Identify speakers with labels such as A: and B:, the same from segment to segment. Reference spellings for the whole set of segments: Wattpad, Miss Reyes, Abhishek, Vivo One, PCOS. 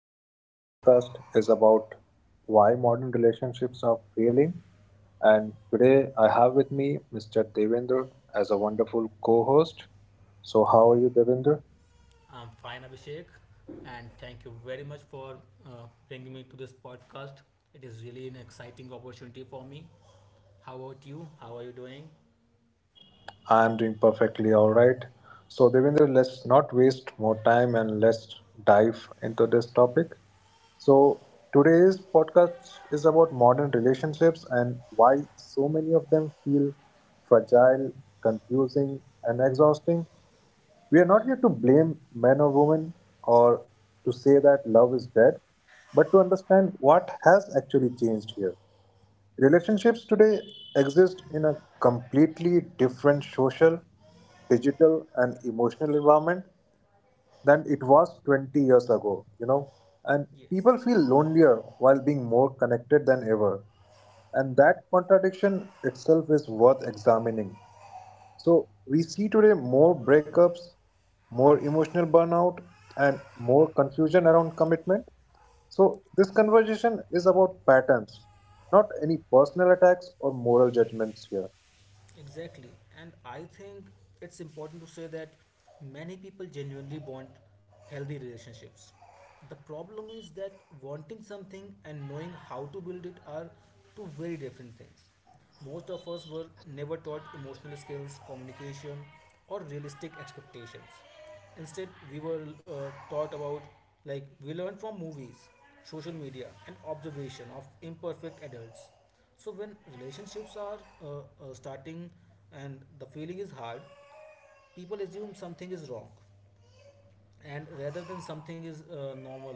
A: Today's podcast is about why modern relationships are failing. And today I have with me Mr. Devendra as a wonderful co host. So, how are you, Devendra?
B: I'm fine, Abhishek, and thank you very much for uh, bringing me to this podcast. It is really an exciting opportunity for me. How about you? How are you doing?
A: I'm doing perfectly all right. So, Devendra, let's not waste more time and let's dive into this topic. So, today's podcast is about modern relationships and why so many of them feel fragile, confusing, and exhausting. We are not here to blame men or women or to say that love is dead, but to understand what has actually changed here. Relationships today exist in a completely different social, digital, and emotional environment than it was 20 years ago. And
B: Yes,
A: people feel lonelier while being more connected than ever. And that contradiction itself is worth examining. So, we see today more breakups, more emotional burnout, and more confusion around commitment. So, this conversation is about patterns, not any personal attacks or moral judgments here.
B: exactly. And I think it's important to say that many people genuinely want healthy relationships. The problem is that wanting something and knowing how to build it are two very different things. Most of us were never taught emotional skills, communication, or realistic expectations. Instead, we were taught about, like, we learned from movies, social media, and observation of imperfect adults. So, when relationships are starting and the feeling is hard, people assume something is wrong. And rather than something is normal,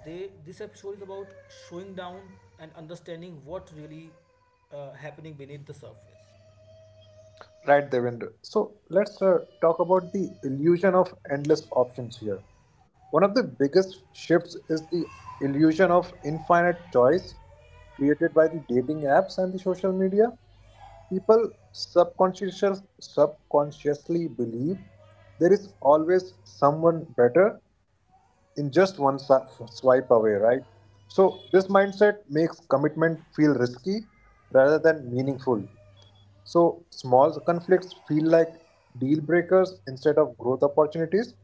B: they this episode is about showing down and understanding what really happening beneath the surface.
A: Right, Devendra. So, let's talk about the illusion of endless options here. One of the biggest shifts is the illusion of infinite choice created by the dating apps and the social media. People subconsciously believe there is always someone better in just one swipe away, right? So, this mindset makes commitment feel risky rather than meaningful. So, small conflicts feel like deal breakers instead of growth opportunities.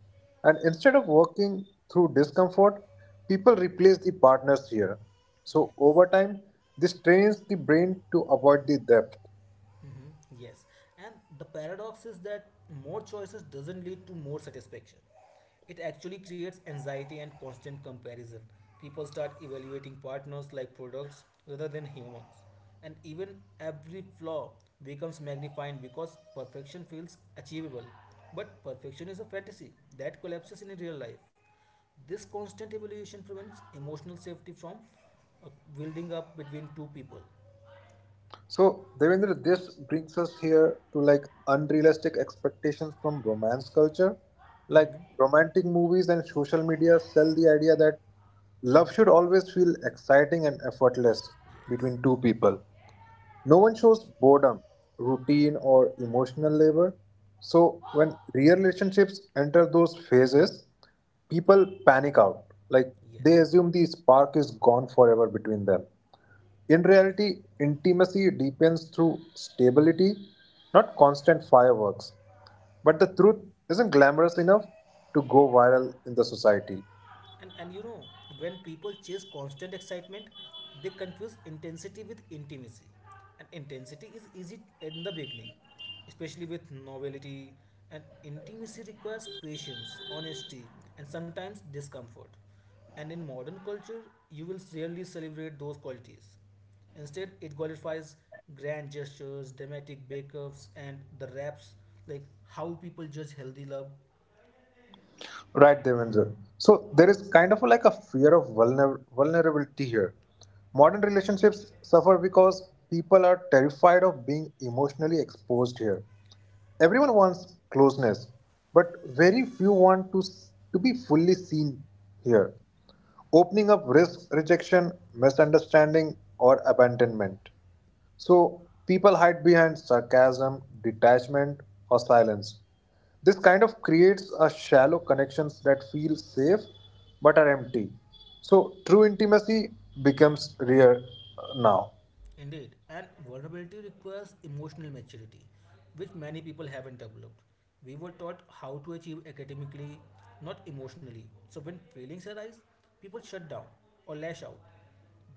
A: And instead of working through discomfort, people replace the partners here. So,
B: Yes.
A: over time, this trains the brain to avoid the depth.
B: Mhm. Yes, and the paradox is that more choices doesn't lead to more satisfaction. It actually creates anxiety and constant comparison. People start evaluating partners like products rather than humans. And even every flaw becomes magnified because perfection feels achievable. But perfection is a fantasy that collapses in real life. This constant evaluation prevents emotional safety from uh, building up between two people.
A: So, Devendra, this brings us here to like unrealistic expectations from romance culture. Like romantic movies and social media sell the idea that love should always feel exciting and effortless
B: Yes.
A: between two people. No one shows boredom, routine, or emotional labor. So, when real relationships enter those phases, people panic out. Like, they
B: Yes.
A: assume the spark is gone forever between them. In reality, intimacy deepens through stability, not constant fireworks. But the truth isn't glamorous enough to go viral in the society.
B: And you know, when people chase constant excitement, they confuse intensity with intimacy. And intensity is easy in the beginning, especially with novelty. And intimacy requires patience, honesty, and sometimes discomfort. And in modern culture, you will rarely celebrate those qualities. Instead, it glorifies grand gestures, dramatic breakups, and the raps like how people judge healthy love.
A: Right, Devendra. So there is kind of like a fear of vulnerability here. Modern relationships suffer because people are terrified of being emotionally exposed here. Everyone wants closeness, but very few want to to be fully seen here. Opening up risks rejection, misunderstanding, or abandonment. So people hide behind sarcasm, detachment, or silence. This kind of creates a shallow connections that feel safe but are empty. So true intimacy becomes rare now.
B: Indeed, and vulnerability requires emotional maturity, which many people haven't developed. We were taught how to achieve academically, not emotionally. So when feelings arise, people shut down or lash out.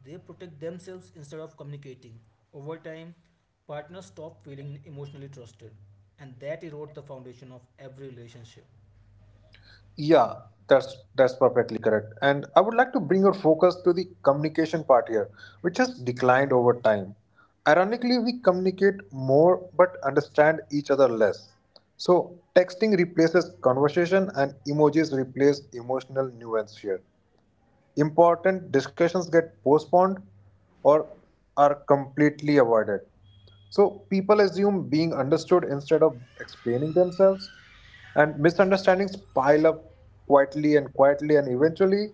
B: They protect themselves instead of communicating. Over time, partners stop feeling emotionally trusted, and that erodes the foundation of every relationship.
A: Yeah, that's perfectly correct. And I would like to bring your focus to the communication part here, which has declined over time. Ironically, we communicate more but understand each other less. So texting replaces conversation and emojis replace emotional nuance here important discussions get postponed or are completely avoided. So people assume being understood instead of explaining themselves, and misunderstandings pile up quietly and quietly, and eventually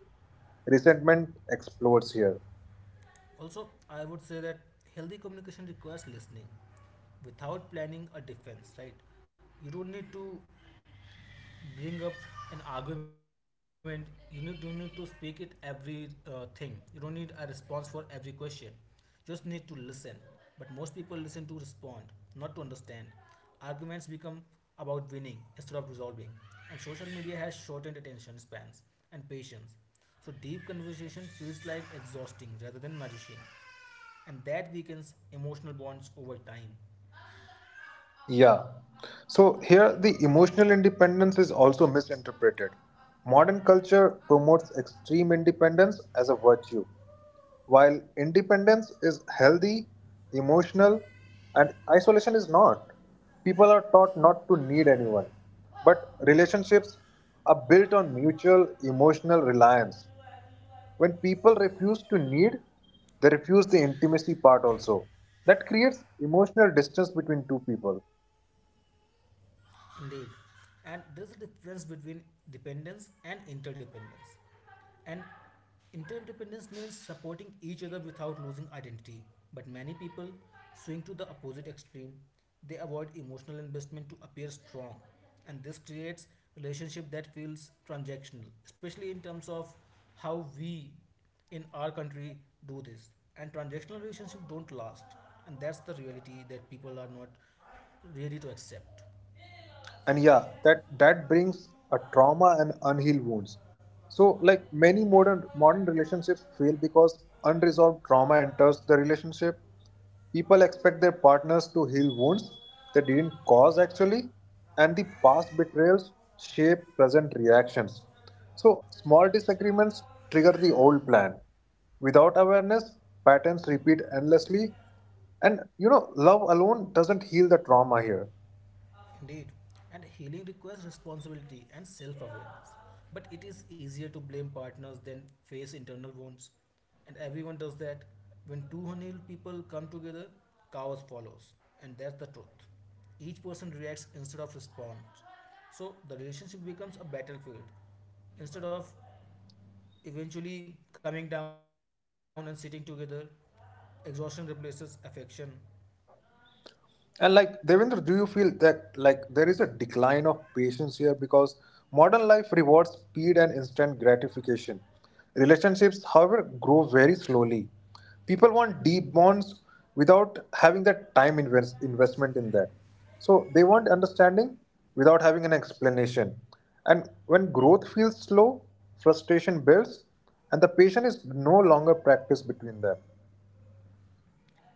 A: resentment explodes here.
B: Also, I would say that healthy communication requires listening without planning a defense, right? You don't need to bring up an argument. You need don't need to speak it every thing. You don't need a response for every question. Just need to listen. But most people listen to respond, not to understand. Arguments become about winning instead of resolving. And social media has shortened attention spans and patience. So deep conversation feels like exhausting rather than nourishing, and that weakens emotional bonds over time.
A: Yeah. So here the emotional independence is also misinterpreted. Modern culture promotes extreme independence as a virtue, while independence is healthy, emotional, and isolation is not. People are taught not to need anyone, but relationships are built on mutual emotional reliance. When people refuse to need, they refuse the intimacy part also. That creates emotional distance between two people.
B: Indeed. And there's a difference between dependence and interdependence. And interdependence means supporting each other without losing identity. But many people swing to the opposite extreme. They avoid emotional investment to appear strong. And this creates relationship that feels transactional, especially in terms of how we in our country do this. And transactional relationship don't last. And that's the reality that people are not ready to accept.
A: And yeah, that brings a trauma and unhealed wounds. So like many modern relationships fail because unresolved trauma enters the relationship. People expect their partners to heal wounds they didn't cause actually, and the past betrayals shape present reactions. So small disagreements trigger the old plan without awareness, patterns repeat endlessly, and you know love alone doesn't heal the trauma here.
B: Indeed, and healing requires responsibility and self awareness. But it is easier to blame partners than face internal wounds. And everyone does that. When two unhealed people come together, chaos follows. And that's the truth. Each person reacts instead of responds. So the relationship becomes a battlefield. Instead of eventually coming down and sitting together, exhaustion replaces affection.
A: And like Devendra, do you feel that like there is a decline of patience here because modern life rewards speed and instant gratification? Relationships, however, grow very slowly. People want deep bonds without having that time investment in that. So they want understanding without having an explanation. And when growth feels slow, frustration builds, and the patience is no longer practiced between them.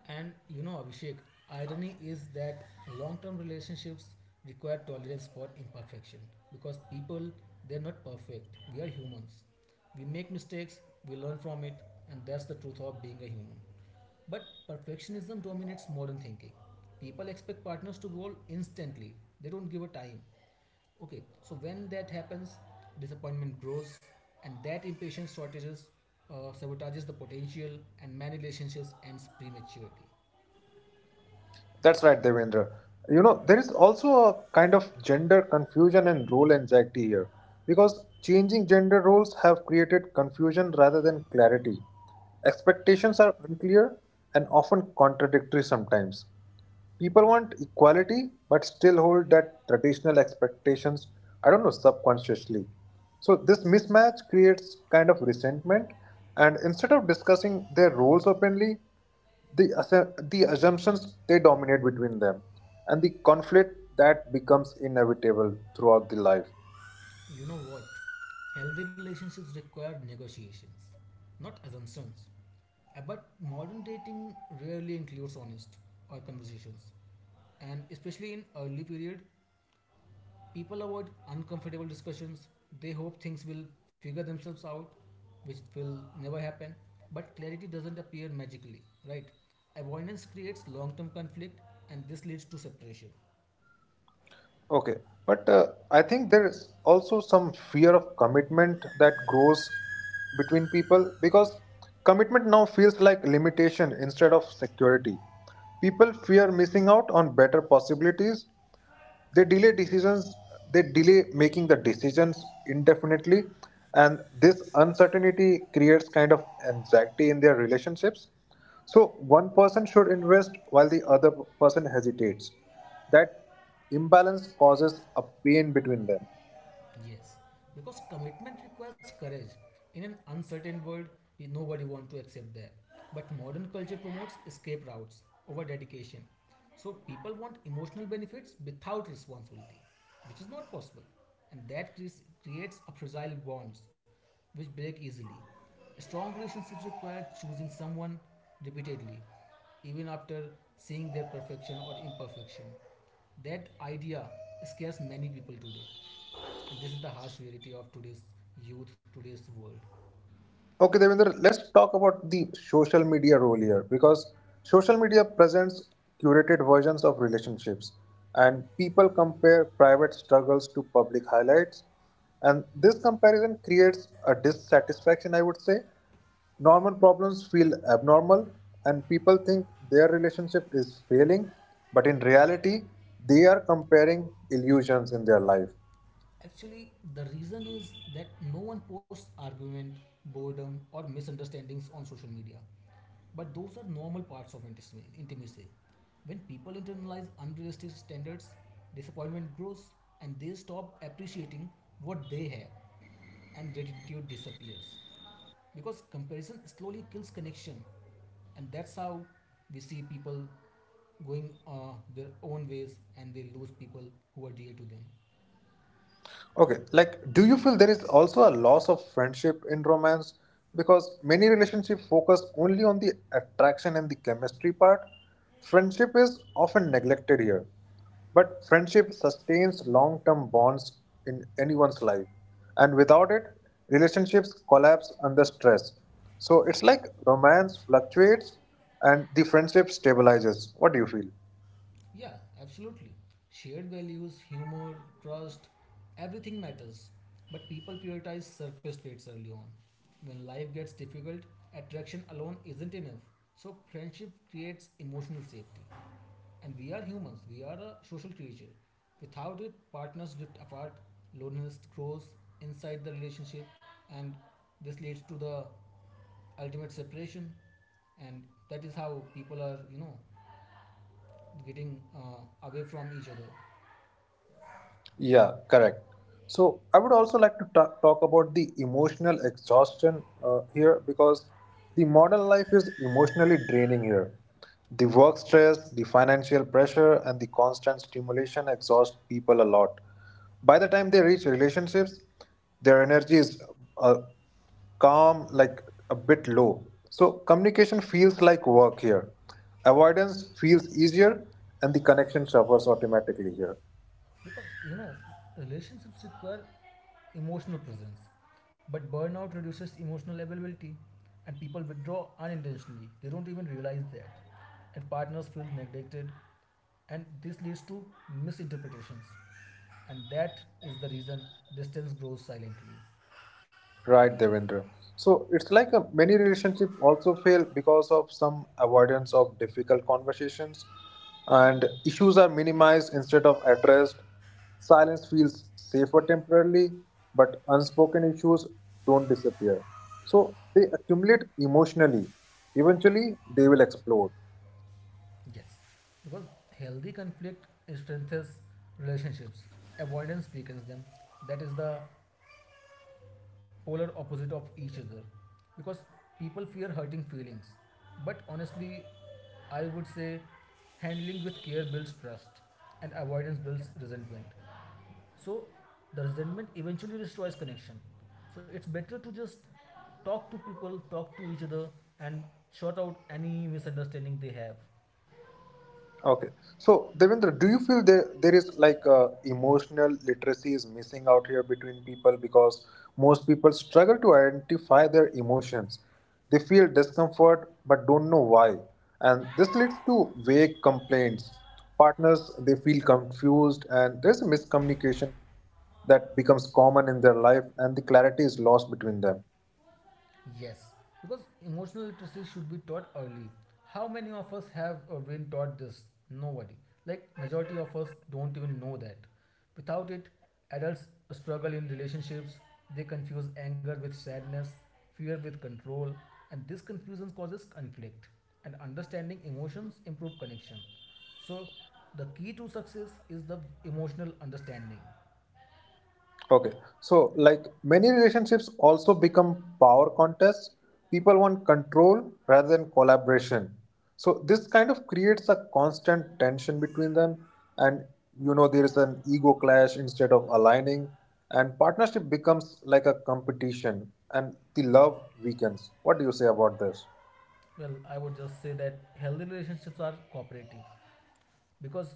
B: And you know, Abhishek, irony is that long term relationships require tolerance for imperfection because people, they're not perfect. We are humans. We make mistakes, we learn from it, and that's the truth of being a human. But perfectionism dominates modern thinking. People expect partners to roll instantly, they don't give a time. Okay, so when that happens, disappointment grows, and that impatience shortages sabotages the potential, and many relationships ends prematurely.
A: That's right, Devendra. You know, there is also a kind of gender confusion and role anxiety here because changing gender roles have created confusion rather than clarity. Expectations are unclear and often contradictory sometimes. People want equality but still hold that traditional expectations, I don't know, subconsciously. So this mismatch creates kind of resentment, and instead of discussing their roles openly, the the assumptions they dominate between them, and the conflict that becomes inevitable throughout the life.
B: You know what? Healthy relationships require negotiations, not assumptions. But modern dating rarely includes honest or conversations, and especially in early period, people avoid uncomfortable discussions. They hope things will figure themselves out, which will never happen. But clarity doesn't appear magically, right? Avoidance creates long term conflict, and this leads to separation.
A: Okay, but I think there is also some fear of commitment that grows between people because commitment now feels like limitation instead of security. People fear missing out on better possibilities, they delay decisions, they delay making the decisions indefinitely, and this uncertainty creates kind of anxiety in their relationships. So one person should invest while the other person hesitates. That imbalance causes a pain between them.
B: Yes, because commitment requires courage. In an uncertain world, we- nobody wants to accept that. But modern culture promotes escape routes over dedication. So people want emotional benefits without responsibility, which is not possible. And that creates a fragile bonds which break easily. Strong relationships require choosing someone repeatedly, even after seeing their perfection or imperfection. That idea scares many people today. And this is the harsh reality of today's youth, today's world.
A: Okay, Devinder. Let's talk about the social media role here because social media presents curated versions of relationships and people compare private struggles to public highlights. And this comparison creates a dissatisfaction, I would say. Normal problems feel abnormal and people think their relationship is failing, but in reality, they are comparing illusions in their life.
B: Actually, the reason is that no one posts argument, boredom, or misunderstandings on social media. But those are normal parts of intimacy. When people internalize unrealistic standards, disappointment grows and they stop appreciating what they have, and gratitude disappears. Because comparison slowly kills connection, and that's how we see people going their own ways and they lose people who are dear to them.
A: Okay, like, do you feel there is also a loss of friendship in romance? Because many relationships focus only on the attraction and the chemistry part. Friendship is often neglected here, but friendship sustains long term bonds in anyone's life. And without it, relationships collapse under stress. So it's like romance fluctuates and the friendship stabilizes. What do you feel?
B: Yeah, absolutely. Shared values, humor, trust, everything matters. But people prioritize surface traits early on. When life gets difficult, attraction alone isn't enough. So, friendship creates emotional safety. And we are humans, we are a social creature. Without it, partners drift apart, loneliness grows inside the relationship, and this leads to the ultimate separation. And that is how people are, you know, getting away from each other.
A: Yeah, correct. So I would also like to talk about the emotional exhaustion here because the modern life is emotionally draining here. The work stress, the financial pressure, and the constant stimulation exhaust people a lot. By the time they reach relationships, their energy is uh, calm, like a bit low. So communication feels like work here. Avoidance feels easier, and the connection suffers automatically here.
B: Because, you know, relationships require emotional presence, but burnout reduces emotional availability, and people withdraw unintentionally. They don't even realize that, and partners feel neglected, and this leads to misinterpretations, and that is the reason distance grows silently.
A: Right, Devendra. So it's like a, many relationship also fail because of some avoidance of difficult conversations, and issues are minimized instead of addressed. Silence feels safer temporarily, but unspoken issues don't disappear. So they accumulate emotionally. Eventually, they will explode.
B: Yes, because healthy conflict strengthens relationships, avoidance weakens them. That is the polar opposite of each other because people fear hurting feelings, but honestly I would say handling with care builds trust and avoidance builds resentment. So the resentment eventually destroys connection, so it's better to just talk to people, talk to each other, and sort out any misunderstanding they have.
A: Okay. So, Devendra, do you feel there is like emotional literacy is missing out here between people because most people struggle to identify their emotions. They feel discomfort but don't know why, and this leads to vague complaints. Partners they feel confused and there's a miscommunication that becomes common in their life, and the clarity is lost between them.
B: Yes, because emotional literacy should be taught early. How many of us have been taught this? Nobody. Like majority of us don't even know that. Without it, adults struggle in relationships. They confuse anger with sadness, fear with control, and this confusion causes conflict. And understanding emotions improve connection. So, the key to success is the emotional understanding.
A: Okay, so like many relationships also become power contests. People want control rather than collaboration. So this kind of creates a constant tension between them, and you know there is an ego clash instead of aligning, and partnership becomes like a competition, and the love weakens. What do you say about this?
B: Well, I would just say that healthy relationships are cooperative because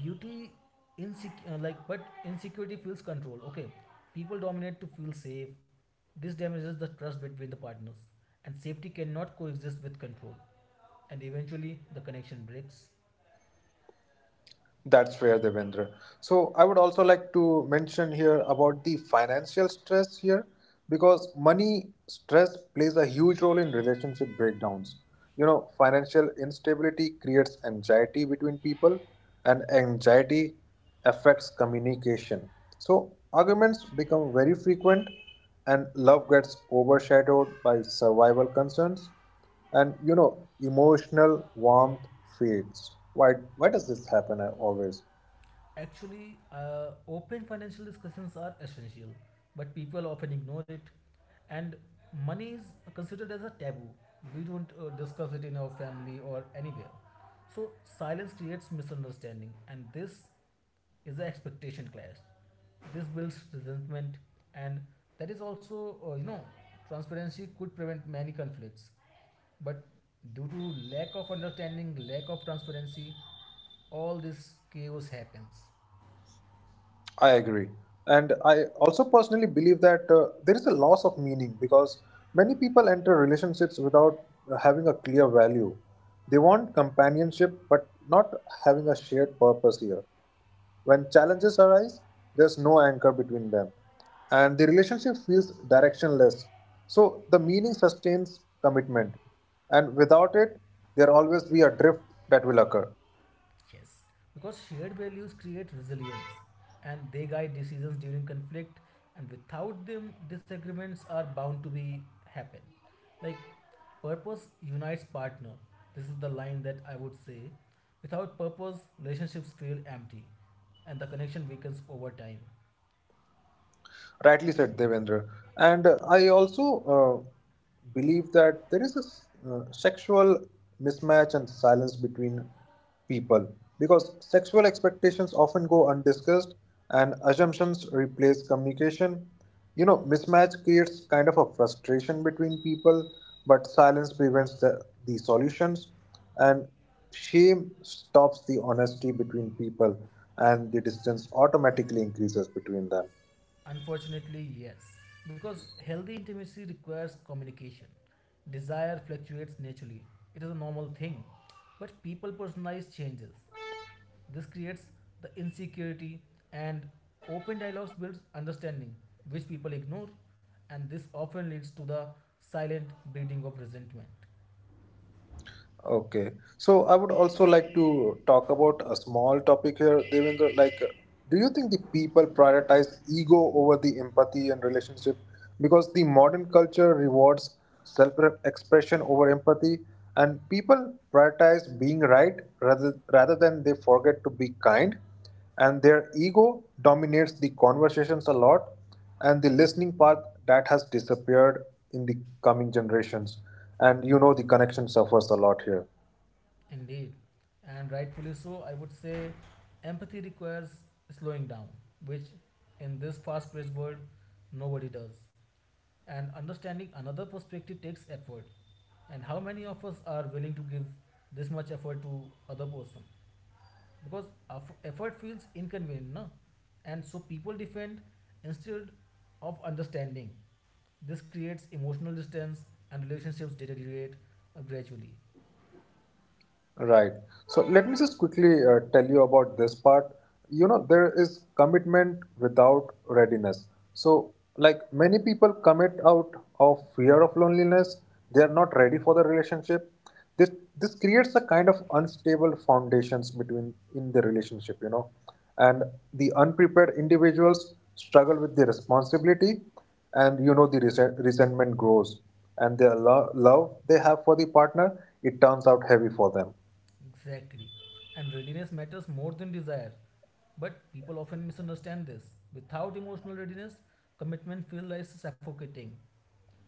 B: beauty like but insecurity feels control. Okay, people dominate to feel safe. This damages the trust between the partners, and safety cannot coexist with control, and eventually the connection breaks.
A: That's where they Devendra. So I would also like to mention here about the financial stress here because money stress plays a huge role in relationship breakdowns. You know, financial instability creates anxiety between people and anxiety affects communication. So arguments become very frequent and love gets overshadowed by survival concerns, and you know emotional warmth fades. Why does this happen always?
B: Actually, open financial discussions are essential, but people often ignore it. And money is considered as a taboo. We don't discuss it in our family or anywhere. So, silence creates misunderstanding, and this is an expectation clash. This builds resentment, and that is also, you know, transparency could prevent many conflicts. But due to lack of understanding, lack of transparency, all this chaos happens.
A: I agree. And I also personally believe that there is a loss of meaning because many people enter relationships without having a clear value. They want companionship but not having a shared purpose here. When challenges arise, there's no anchor between them, and the relationship feels directionless. So the meaning sustains commitment, and without it, there always be a drift that will occur.
B: Yes, because shared values create resilience and they guide decisions during conflict, and without them, disagreements are bound to be happen. Like, purpose unites partner. This is the line that I would say. Without purpose, relationships feel empty and the connection weakens over time.
A: Rightly said, Devendra. And I also believe that there is a sexual mismatch and silence between people because sexual expectations often go undiscussed and assumptions replace communication. You know, mismatch creates kind of a frustration between people, but silence prevents the solutions, and shame stops the honesty between people, and the distance automatically increases between them.
B: Unfortunately, yes, because healthy intimacy requires communication. Desire fluctuates naturally, it is a normal thing. But people personalize changes. This creates the insecurity, and open dialogues builds understanding, which people ignore, and this often leads to the silent breeding of resentment.
A: Okay. So I would also like to talk about a small topic here, Devendra. Like, do you think the people prioritize ego over the empathy and relationship? Because the modern culture rewards self-expression over empathy, and people prioritize being right rather than they forget to be kind, and their ego dominates the conversations a lot, and the listening part that has disappeared in the coming generations, and you know the connection suffers a lot here.
B: Indeed, and rightfully so, I would say empathy requires slowing down, which in this fast paced world nobody does. And understanding another perspective takes effort. And how many of us are willing to give this much effort to other person? Because effort feels inconvenient, no? And so people defend instead of understanding. This creates emotional distance and relationships deteriorate gradually.
A: Right. So let me just quickly tell you about this part. You know, there is commitment without readiness. So, like many people commit out of fear of loneliness, they are not ready for the relationship. This this creates a kind of unstable foundations between in the relationship, you know. And the unprepared individuals struggle with the responsibility, and you know the resentment grows, and their love they have for the partner it turns out heavy for them.
B: Exactly. And readiness matters more than desire. But people often misunderstand this. Without emotional readiness, commitment feels like suffocating,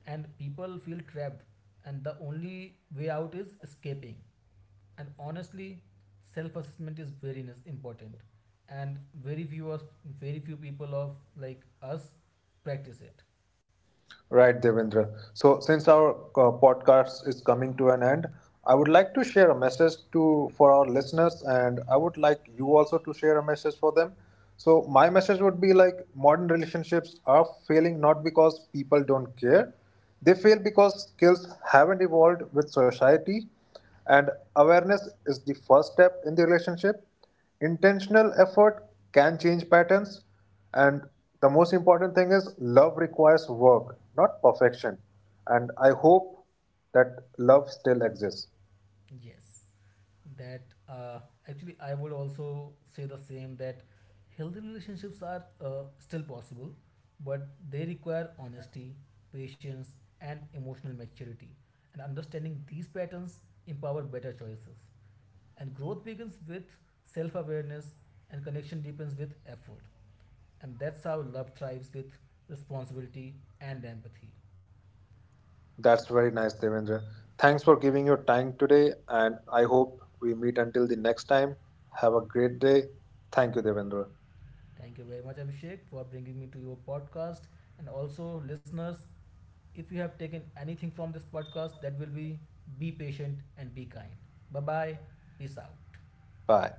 B: and people feel trapped and the only way out is escaping. And honestly, self-assessment is very important, and very few us, very few people of like us practice it.
A: Right, Devendra. So, since our podcast is coming to an end, I would like to share a message to for our listeners, and I would like you also to share a message for them. So, my message would be like modern relationships are failing not because people don't care, they fail because skills haven't evolved with society, and awareness is the first step in the relationship. Intentional effort can change patterns, and the most important thing is love requires work, not perfection. And I hope that love still exists.
B: Yes, that uh, actually I would also say the same, that healthy relationships are still possible, but they require honesty, patience, and emotional maturity, and understanding these patterns empower better choices. And growth begins with self awareness, and connection deepens with effort. And that's how love thrives with responsibility and empathy.
A: That's very nice, Devendra. Thanks for giving your time today, and I hope we meet until the next time. Have a great day. Thank you, Devendra.
B: Thank you very much, Abhishek, for bringing me to your podcast. And also, listeners, if you have taken anything from this podcast, that will be patient and be kind. Bye bye. Peace out.
A: Bye.